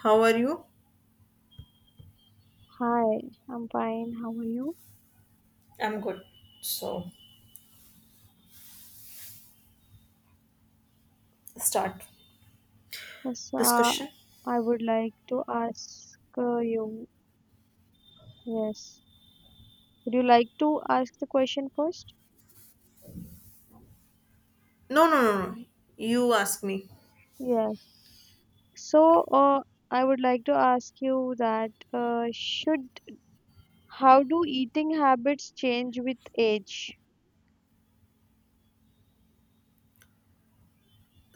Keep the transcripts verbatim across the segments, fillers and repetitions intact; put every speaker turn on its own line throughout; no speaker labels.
How are you?
Hi, I'm fine. How are you?
I'm good. So start
Yes, uh,
discussion.
I would like to ask uh, you. Yes. Would you like to ask the question first?
No, no, no, no. You ask me.
Yes. So, uh, I would like to ask you that uh, should how do eating habits change with age?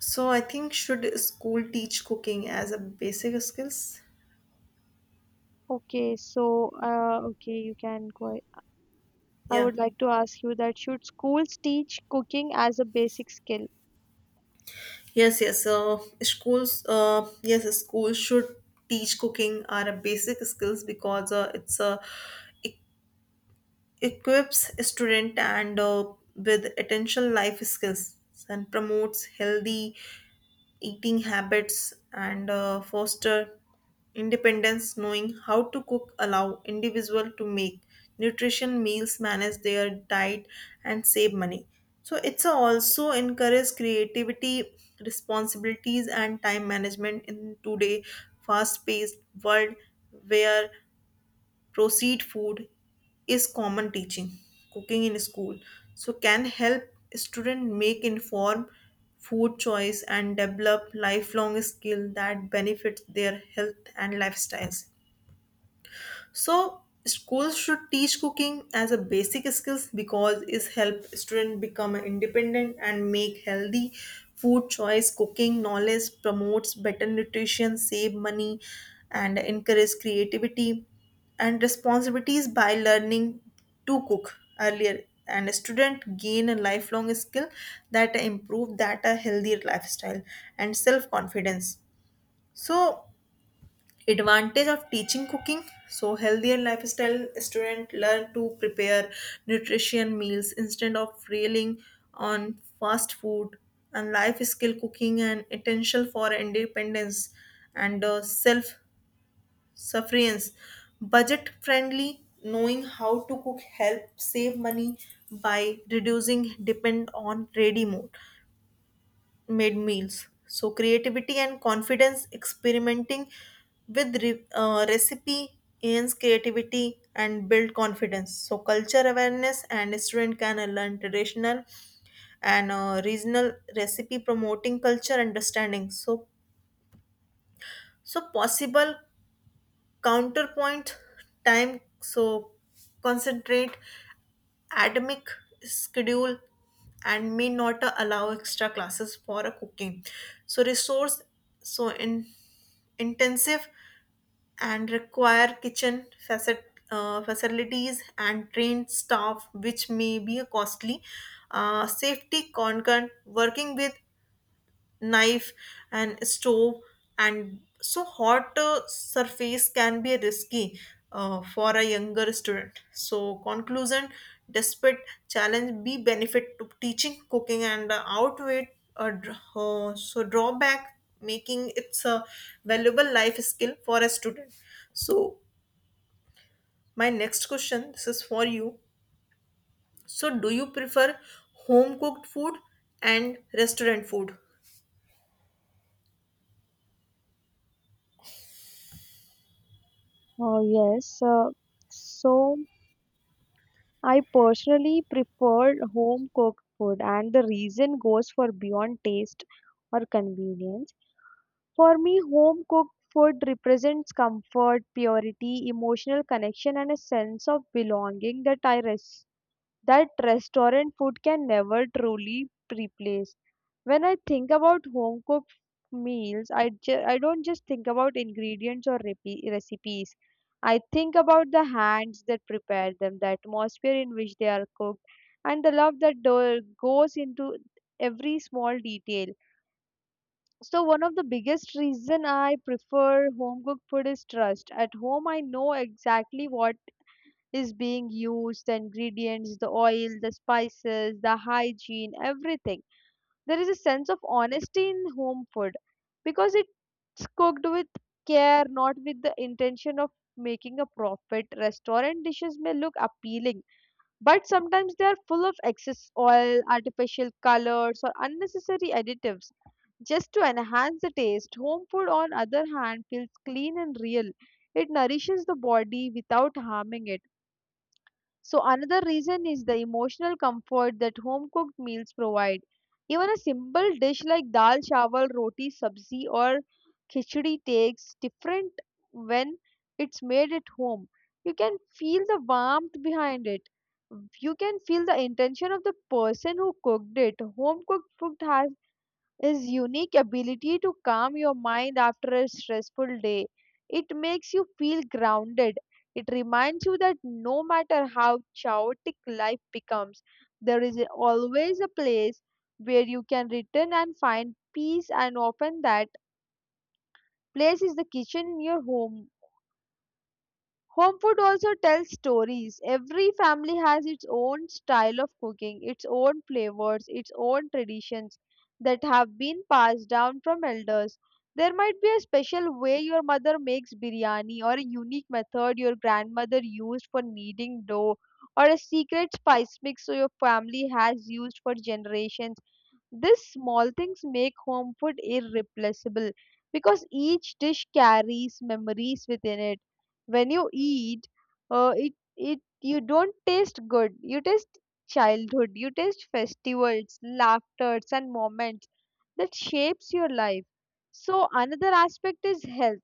So I think should school teach cooking as a basic skills?
Okay, so uh, okay, you can go. I
Yeah.
would like to ask you that should schools teach cooking as a basic skill?
Yes, yes. So schools, uh, yes, schools should teach cooking are a basic skills because uh, it's uh, equips student and uh, with essential life skills and promotes healthy eating habits and uh, foster independence knowing how to cook allow individual to make nutrition meals manage their diet and save money so it's also encourage creativity responsibilities and time management in today fast paced world where proceed food is common teaching cooking in school so can help student make informed food choice and develop lifelong skill that benefits their health and lifestyles so schools should teach cooking as a basic skills because it help student become independent and make healthy food choice. Cooking knowledge promotes better nutrition, save money, and encourage creativity and responsibilities by learning to cook earlier. And a student gain a lifelong skill that improve that a healthier lifestyle and self confidence. So advantage of teaching cooking so healthier lifestyle student learn to prepare nutrition meals instead of railing on fast food and life skill cooking and essential for independence and uh, self sufferance budget friendly knowing how to cook help save money by reducing depend on ready meal made meals. So creativity and confidence experimenting with re- uh, recipe enhance creativity and build confidence. So culture awareness and student can learn traditional and uh, regional recipe promoting culture understanding. So so possible counterpoint time. So concentrate academic schedule and may not uh, allow extra classes for a cooking so resource so in intensive and require kitchen facet, uh, facilities and trained staff which may be a costly uh, safety concern working with knife and stove and so hot uh, surface can be risky uh, for a younger student so conclusion despite challenge be benefit to teaching cooking and uh, outweigh uh, dr- uh, so drawback making it's a valuable life skill for a student so my next question this is for you so do you prefer home cooked food and restaurant food.
Oh, yes. Uh, so. I personally prefer home cooked food, and the reason goes for beyond taste or convenience. For me, home cooked food represents comfort, purity, emotional connection, and a sense of belonging that I that restaurant food can never truly replace. When I think about home cooked meals, I, ju- I don't just think about ingredients or repe- recipes. I think about the hands that prepare them, the atmosphere in which they are cooked, and the love that do- goes into every small detail. So one of the biggest reason I prefer home cooked food is trust. At home I know exactly what is being used, the ingredients, the oil, the spices, the hygiene, everything. There is a sense of honesty in home food because it's cooked with care, not with the intention of making a profit. Restaurant dishes may look appealing, but sometimes they are full of excess oil, artificial colors, or unnecessary additives just to enhance the taste. Home food, on other hand, feels clean and real. It nourishes the body without harming it. So another reason is the emotional comfort that home cooked meals provide. Even a simple dish like dal chawal, roti sabzi or khichdi takes different when it's made at home. You can feel the warmth behind it. You can feel the intention of the person who cooked it. Home cooked food has his unique ability to calm your mind after a stressful day. It makes you feel grounded. It reminds you that no matter how chaotic life becomes, there is always a place where you can return and find peace, and often that place is the kitchen in your home. Home food also tells stories. Every family has its own style of cooking, its own flavors, its own traditions that have been passed down from elders. There might be a special way your mother makes biryani, or a unique method your grandmother used for kneading dough, or a secret spice mix so your family has used for generations. These small things make home food irreplaceable because each dish carries memories within it. When you eat, uh, it it you don't taste good. You taste childhood. You taste festivals, laughters, and moments that shapes your life. So another aspect is health.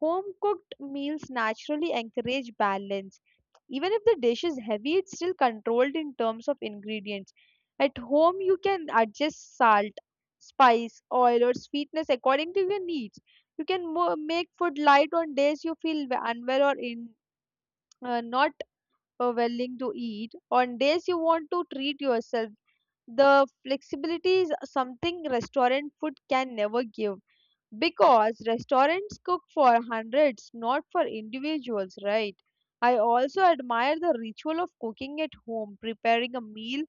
Home cooked meals naturally encourage balance even if the dish is heavy, it's still controlled in terms of ingredients. At home, you can adjust salt, spice, oil, or sweetness according to your needs. You can mo- make food light on days you feel w- unwell or in uh, not uh, willing to eat. On days you want to treat yourself, the flexibility is something restaurant food can never give because restaurants cook for hundreds, not for individuals, right? I also admire the ritual of cooking at home. Preparing a meal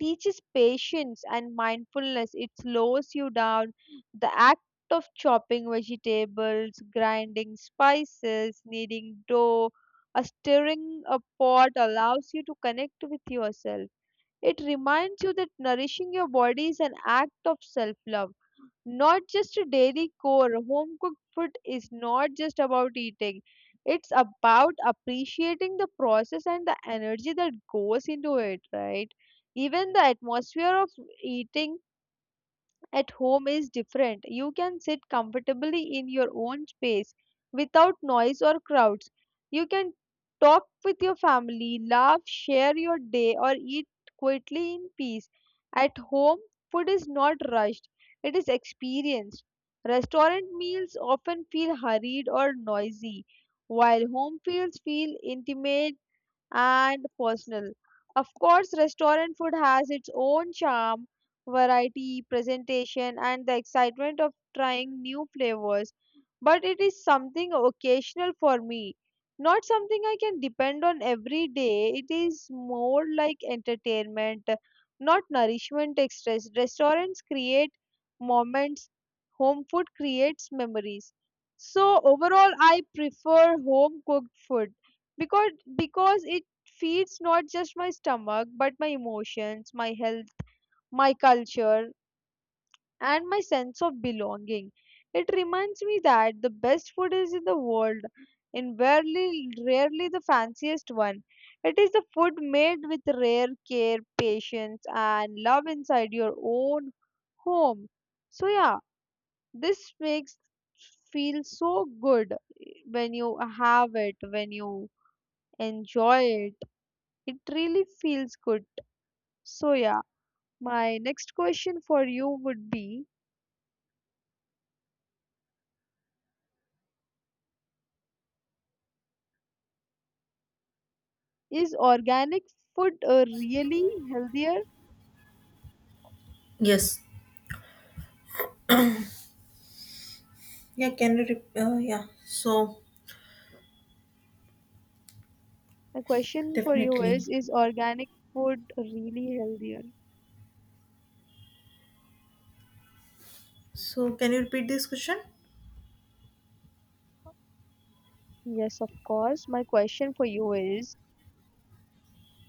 teaches patience and mindfulness, it slows you down. The act of chopping vegetables, grinding spices, kneading dough, or stirring a pot allows you to connect with yourself. It reminds you that nourishing your body is an act of self love not just a daily core, home cooked food is not just about eating, it's about appreciating the process and the energy that goes into it, right? Even the atmosphere of eating at home is different. You can sit comfortably in your own space without noise or crowds. You can talk with your family, laugh, share your day, or eat quietly in peace. At home, food is not rushed, it is experienced. Restaurant meals often feel hurried or noisy, while home feels feel intimate and personal. Of course, restaurant food has its own charm, variety, presentation, and the excitement of trying new flavors. But it is something occasional for me, not something I can depend on every day. It is more like entertainment, not nourishment extras. Restaurants create moments, home food creates memories. So overall, I prefer home cooked food because because it feeds not just my stomach but my emotions, my health, my culture, and my sense of belonging. It reminds me that the best food is in the world and rarely, rarely the fanciest one. It is the food made with rare care, patience, and love inside your own home. So, yeah, this makes feel so good when you have it, when you enjoy it. It really feels good. So, yeah, my next question for you would be, is organic food uh, really healthier?
Yes, Yeah, can you rep- uh, yeah, so
The question for you
definitely.
is Is organic food really healthier?
So can you repeat this question?
Yes, of course. My question for you is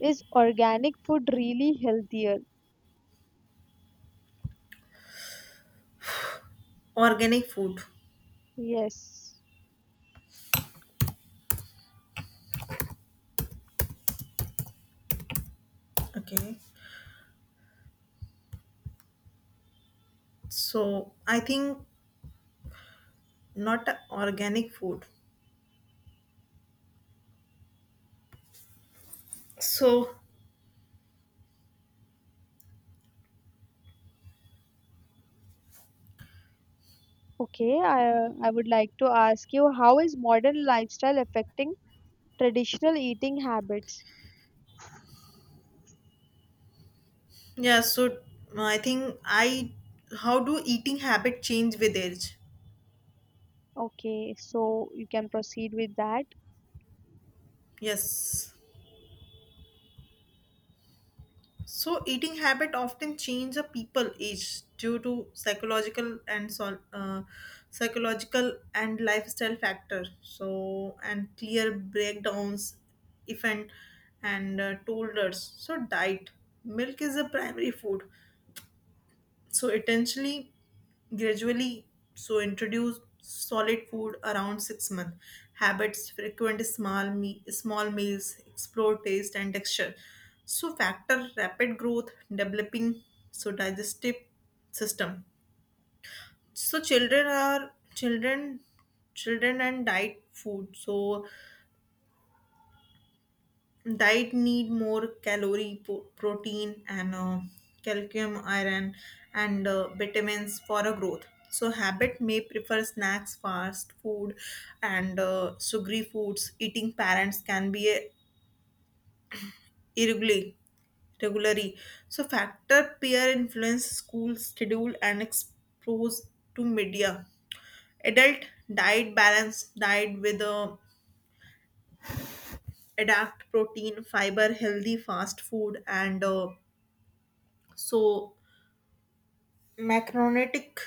Is organic food really healthier?
Organic food.
Yes.
Okay. So I think not a organic food. So
Okay, I, I would like to ask you, how is modern lifestyle affecting traditional eating habits?
yeah, so I think I how do eating habit change with age?
Okay, so you can proceed with that.
Yes. So, eating habit often change a people age due to psychological and sol- uh, psychological and lifestyle factor. So, and clear breakdowns, if and and uh, told. So, diet milk is a primary food, so intentionally, gradually, so introduce solid food around six months. Habits, frequent small me- small meals, explore taste and texture. So factor rapid growth, developing so digestive system. So children are children children and diet food. So diet need more calorie po- protein and uh, calcium iron and uh, vitamins for a growth so habit may prefer snacks fast food and uh, sugary foods eating parents can be a- irregularly regularly so factor peer influence school schedule and expose to media adult diet balance diet with a adapt protein fiber healthy fast food and uh, so Macronutritic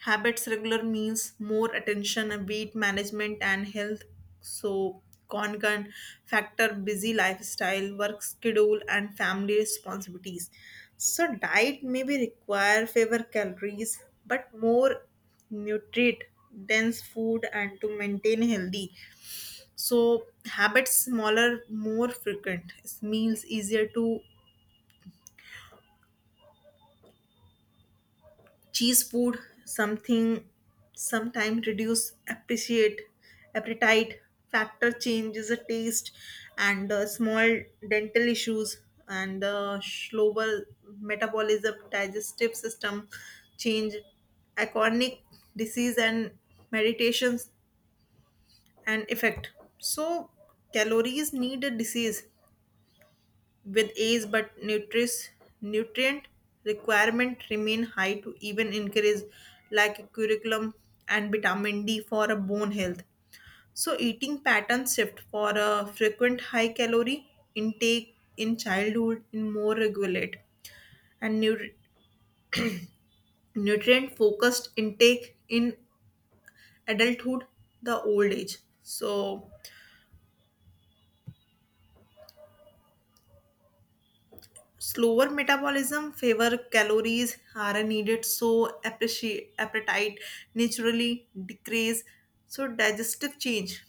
habits, regular meals, more attention, and weight management and health. So, concurrent factor, busy lifestyle, work schedule, and family responsibilities. So, diet may be require favor calories, but more nutrient dense food and to maintain healthy so habits smaller more frequent meals easier to cheese food something sometime reduce appreciate appetite factor changes the taste and uh, small dental issues and uh, slower metabolism digestive system change chronic disease and meditations and effect so calories need a disease with age but nutris, nutrient requirement remain high to even encourage like curriculum and vitamin d for a bone health so eating pattern shift for a frequent high calorie intake in childhood in more regulate and nu- nutrient focused intake in adulthood the old age so slower metabolism favor calories are needed so appreciate appetite naturally decrease so digestive change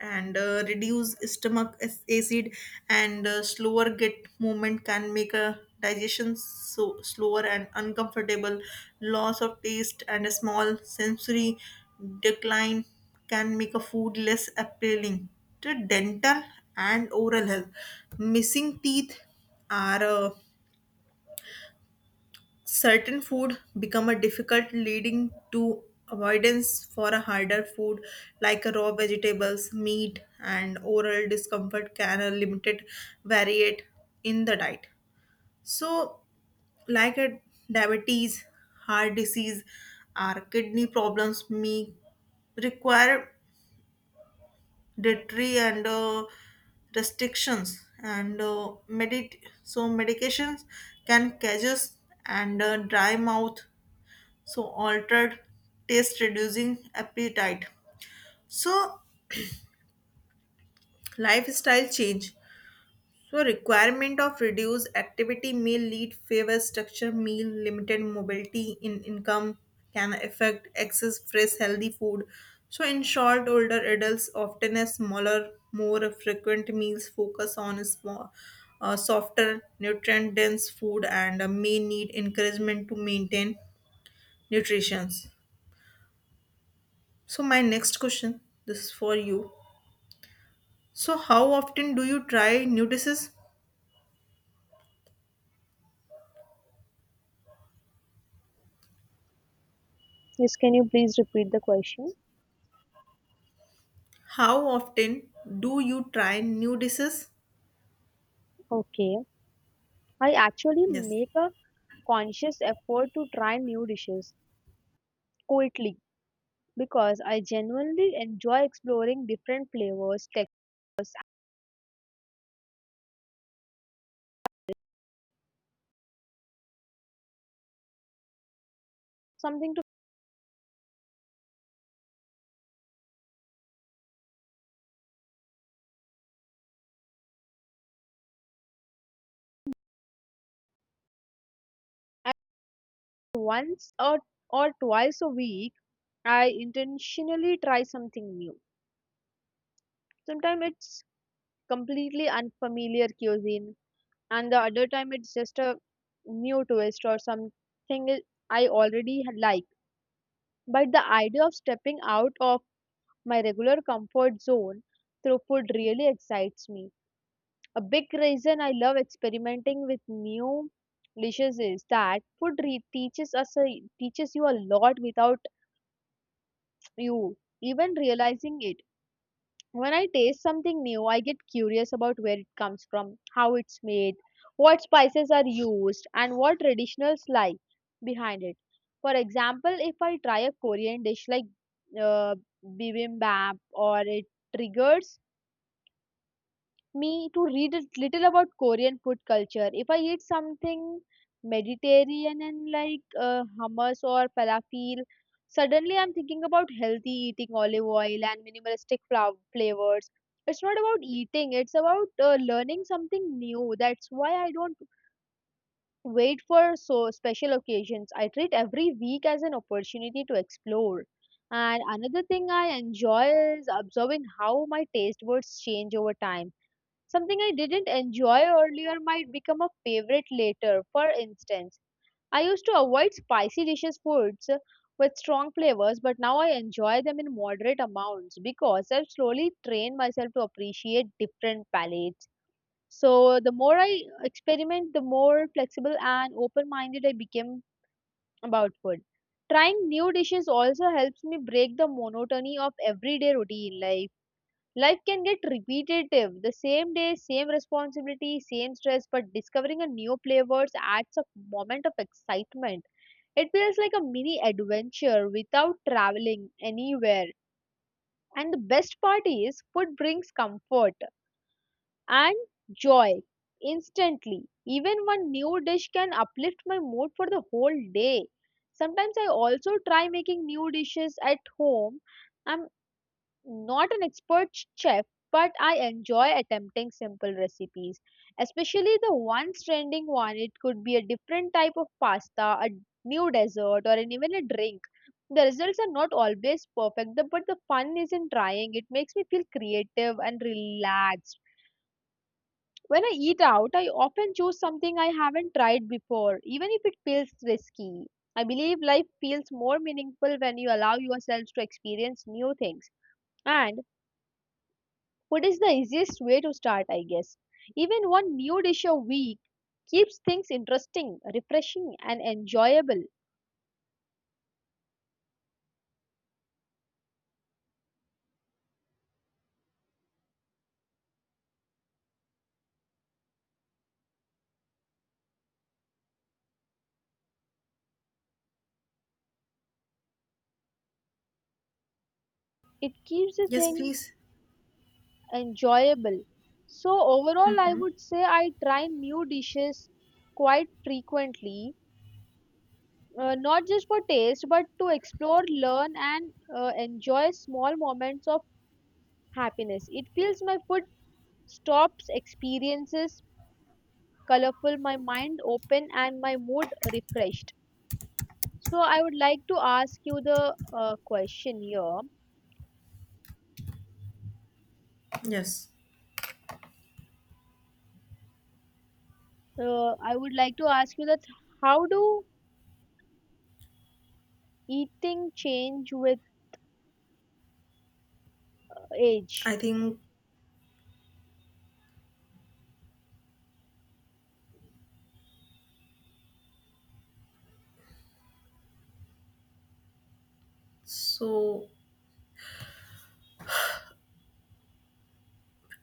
and uh, reduce stomach ac- acid and uh, slower get movement can make a digestion so slower and uncomfortable loss of taste and a small sensory decline can make a food less appealing to dental and oral health missing teeth are uh, certain food become a difficult leading to avoidance for a harder food like raw vegetables meat and oral discomfort can a limited variate in the diet so like a diabetes heart disease or kidney problems may require dietary and uh, restrictions and uh, medit so medications can causes and uh, dry mouth so altered taste reducing appetite so lifestyle change so requirement of reduced activity may lead favor structure meal limited mobility in income can affect access fresh healthy food so in short older adults often have smaller more frequent meals focus on small uh, softer nutrient dense food and uh, may need encouragement to maintain nutrition. So my next question, this is for you. So how often do you try new dishes?
Yes, can you please repeat the question?
How often do you try new dishes?
Okay. I actually
Yes.
make a conscious effort to try new dishes quickly because I genuinely enjoy exploring different flavors, textures, something to once or, or twice a week. I intentionally try something new. Sometimes it's completely unfamiliar cuisine, and the other time it's just a new twist or something I I already like. But the idea of stepping out of my regular comfort zone through food really excites me. A big reason I love experimenting with new dishes is that food re- teaches us a, teaches you a lot without you even realizing it. When I taste something new, I get curious about where it comes from, how it's made, what spices are used, and what traditionals lie behind it. For example, if I try a Korean dish like uh, bibimbap or it triggers me to read a little about Korean food culture. If I eat something Mediterranean and like uh, hummus or falafel, suddenly I'm thinking about healthy eating, olive oil and minimalistic flow- flavors. It's not about eating; it's about uh, learning something new. That's why I don't wait for so special occasions. I treat every week as an opportunity to explore. And another thing I enjoy is observing how my taste buds change over time. Something I didn't enjoy earlier might become a favorite later. For instance, I used to avoid spicy dishes foods uh, with strong flavors, but now I enjoy them in moderate amounts because I've slowly trained myself to appreciate different palates. So the more I experiment, the more flexible and open-minded I became about food. Trying new dishes also helps me break the monotony of everyday routine life. Life can get repetitive, the same day, same responsibility, same stress, but discovering a new flavors adds a moment of excitement. It feels like a mini adventure without traveling anywhere. And the best part is, food brings comfort and joy instantly. Even one new dish can uplift my mood for the whole day. Sometimes I also try making new dishes at home. I'm not an expert chef, but I enjoy attempting simple recipes, especially the ones trending one. It could be a different type of pasta, a new dessert, or an, even a drink. The results are not always perfect, the- but the fun is in trying. It makes me feel creative and relaxed. When I eat out, I often choose something I haven't tried before, even if it feels risky. I believe life feels more meaningful when you allow yourselves to experience new things. And food is the easiest way to start, I guess. Even one new dish a week keeps things interesting, refreshing, and enjoyable. It keeps the
Yes,
thing
please.
enjoyable. So, overall, I would say I try new dishes quite frequently, uh, not just for taste, but to explore, learn, and uh, enjoy small moments of happiness. It feels my food stops experiences colorful, my mind open, and my mood refreshed. So I would like to ask you the uh, question here.
Yes.
Uh, I would like to ask you that how do eating change with
I
age?
think so.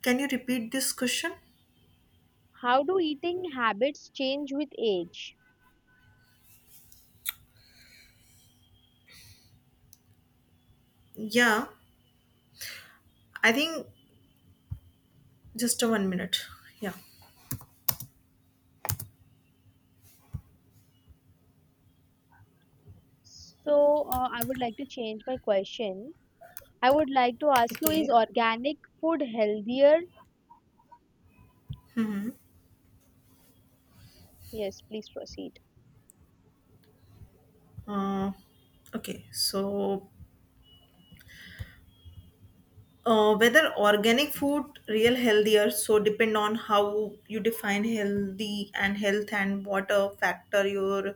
Can you repeat this question?
How do eating habits change with age?
Yeah. I think just a one minute. Yeah.
So uh, I would like to change my question. I would like to ask you, is
Okay.
organic food healthier? Yes, please proceed.
Uh, okay. So Uh, whether organic food real healthier so depend on how you define healthy and health and what a factor your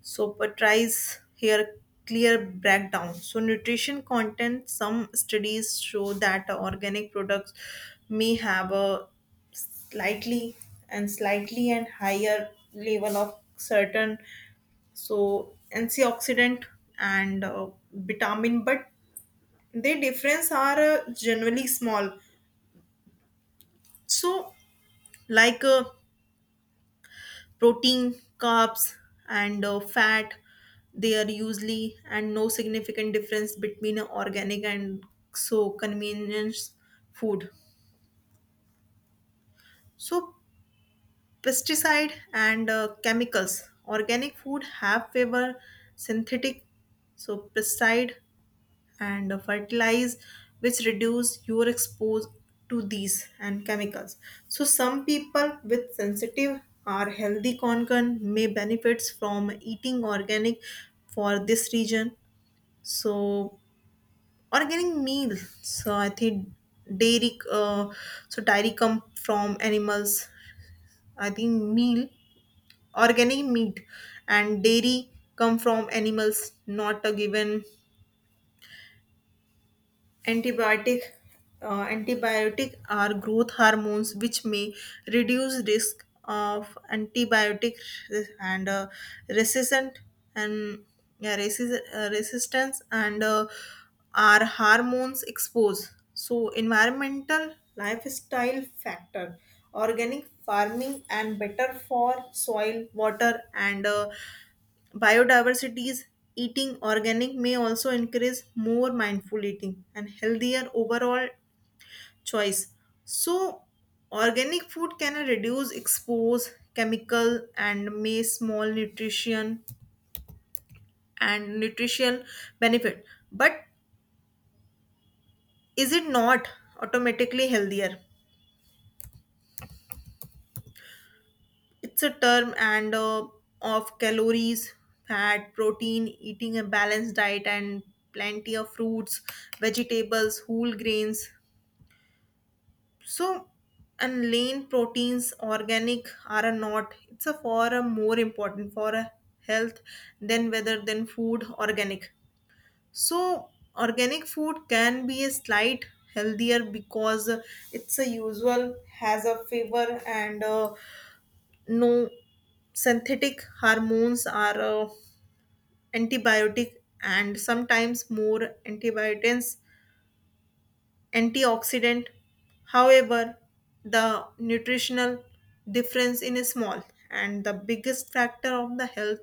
so but tries here clear breakdown so nutrition content some studies show that organic products may have a slightly and slightly and higher level of certain so antioxidant and uh, vitamin but their difference are uh, generally small so like uh, protein carbs and uh, fat they are usually and no significant difference between a organic and so convenience food so pesticide and uh, chemicals organic food have favor synthetic so pesticide and fertilize which reduce your expose to these and chemicals so some people with sensitive or healthy concern may benefits from eating organic for this region so organic meal so I think dairy uh, so dairy come from animals I think meal organic meat and dairy come from animals not a given antibiotic uh, antibiotic are growth hormones which may reduce risk of antibiotic res- and uh, resistant and yeah, resist, uh, resistance and uh, are hormones exposed so environmental lifestyle factor organic farming and better for soil water and uh, Biodiversity is eating organic may also encourage more mindful eating and healthier overall choice. So, organic food can reduce expose chemical and may small nutrition and nutritional benefit. But is it not automatically healthier? It's a term and uh, of calories, fat, protein, eating a balanced diet and plenty of fruits, vegetables, whole grains so and lean proteins organic are a not it's a for a more important for a health than whether than food organic so organic food can be a slight healthier because it's a usual has a favor and uh, no synthetic hormones are uh, antibiotic and sometimes more antibiotics antioxidant. However, the nutritional difference in is small, and the biggest factor of the health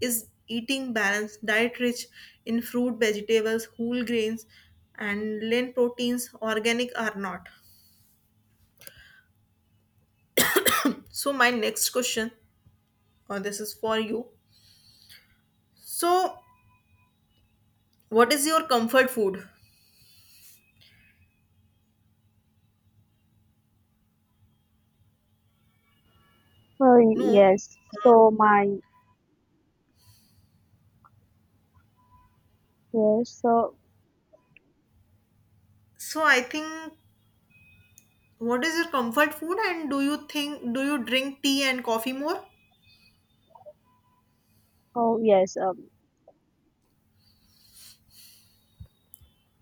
is eating balanced diet rich in fruit, vegetables, whole grains, and lean proteins. Organic are not. So my next question, or this is for you. So what is your comfort food?
Oh,
No.
yes. So my yes. So
So I think what is your comfort food, and do you think do you drink tea and coffee more?
oh yes. Um,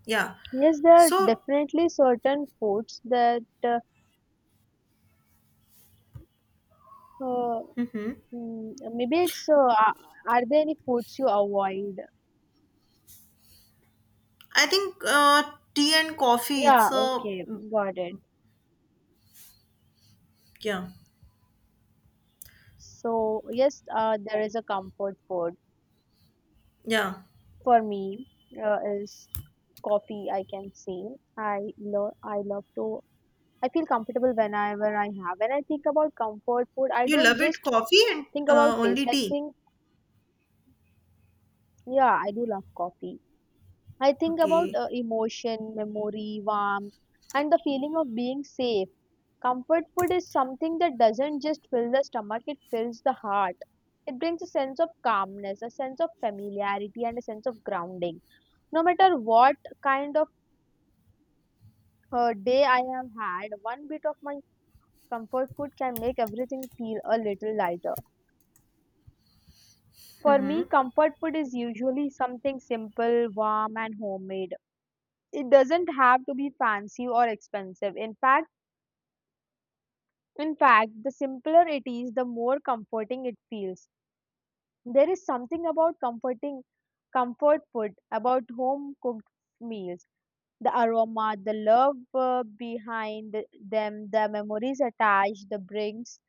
Yeah.
yes, there are
So
definitely certain foods that uh, uh,
mhm.
Hmm, maybe it's uh, are are there any foods you avoid?
I think uh, tea and coffee.
Yeah,
It's a
okay, got it.
yeah,
So yes, uh, there is a comfort food
yeah.
for me uh, is coffee. I can say I love I love to. I feel comfortable whenever I have. When I think about comfort food, I
You
don't
love it,
just
coffee and
think
uh,
about taste.
only
I
tea.
think yeah, I do love coffee. I think about
Okay.
uh, emotion, memory, warmth, and the feeling of being safe. Comfort food is something that doesn't just fill the stomach, it fills the heart. It brings a sense of calmness, a sense of familiarity, and a sense of grounding. No matter what kind of uh, day I have had, one bit of my comfort food can make everything feel a little lighter. For
Mm-hmm.
me, comfort food is usually something simple, warm, and homemade. It doesn't have to be fancy or expensive. In fact, In fact, the simpler it is, the more comforting it feels. There is something about comforting comfort food, about home cooked meals. The aroma, the love uh, behind them, the memories attached, the brings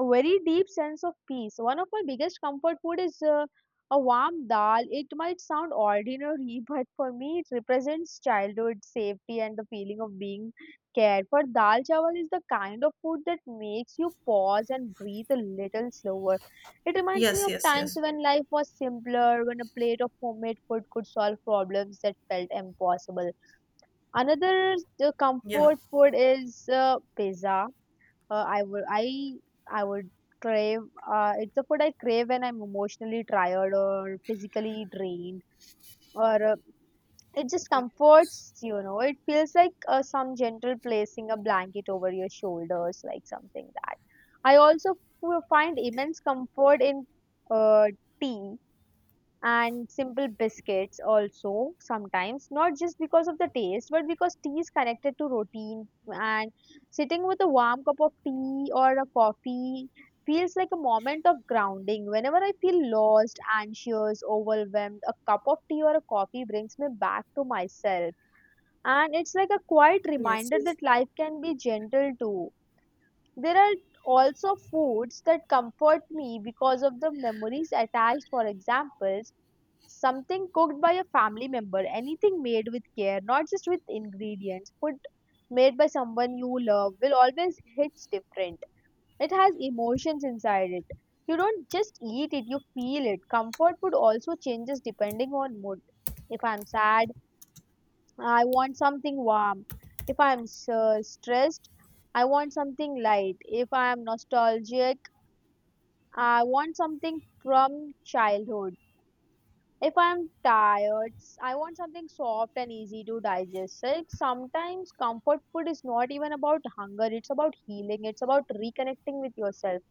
a very deep sense of peace. One of my biggest comfort food is uh, a warm dal. It might sound ordinary, but for me it represents childhood safety and the feeling of being cared for. Dal chawal is the kind of food that makes you pause and breathe a little slower. It reminds me
Yes,
of
yes,
times
yes.
when life was simpler, when a plate of homemade food could solve problems that felt impossible. Another uh,
Yeah.
comfort food is uh, pizza. Uh, I would I I would crave. Uh, it's a food I crave when I'm emotionally tired or physically drained, or uh, it just comforts. You know, it feels like uh, some gentle placing a blanket over your shoulders, like something that. I also f- find
Yeah.
immense comfort in uh, tea and simple biscuits also, sometimes not just because of the taste but because tea is connected to routine, and sitting with a warm cup of tea or a coffee feels like a moment of grounding. Whenever I feel lost, anxious, overwhelmed, a cup of tea or a coffee brings me back to myself, and it's like a quiet
Yes,
reminder
yes.
that life can be gentle too. There are also foods that comfort me because of the memories attached. For examples, something cooked by a family member, anything made with care, not just with ingredients. Food made by someone you love will always hits different. It has emotions inside it. You don't just eat it, you feel it. Comfort food also changes depending on mood. If I'm sad, I want something warm. If I'm uh, stressed, I want something light. If I'm nostalgic, I want something from childhood. If I'm tired, s- I want something soft and easy to digest. Like sometimes comfort food is not even about hunger, it's about healing, it's about reconnecting with yourself.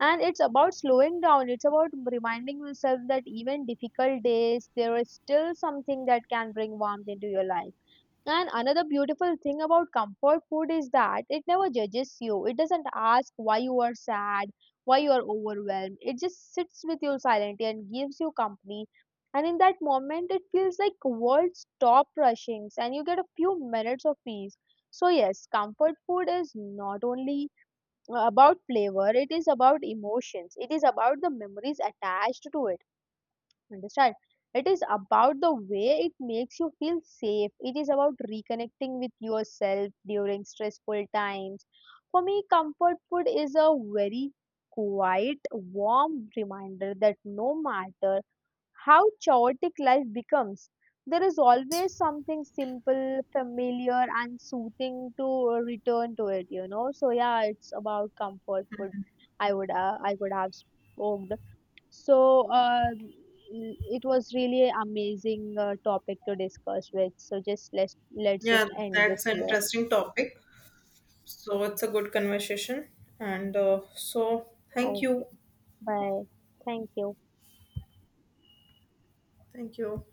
And it's about slowing down, it's about reminding yourself that even difficult days, there is still something that can bring warmth into your life. And another beautiful thing about comfort food is that it never judges you. It doesn't ask why you are sad, why you are overwhelmed. It just sits with you silently and gives you company. And in that moment, it feels like world stop rushing and you get a few minutes of peace. So yes, comfort food is not only uh, about flavor, it is about emotions. It is about the memories attached to it. Understand? It is about the way it makes you feel safe. It is about reconnecting with yourself during stressful times. For me, comfort food is a very quiet, warm reminder that no matter how chaotic life becomes, there is always something simple, familiar, and soothing to return to it. You know, so yeah, it's about comfort food. I would uh, I would have spoken. So uh, it was really amazing uh, topic to discuss with. So just let's let's
Yeah,
just end
that's
this
an
here.
interesting topic. So it's a good conversation, and uh, so thank
Okay.
you,
Bye. Thank you.
thank you.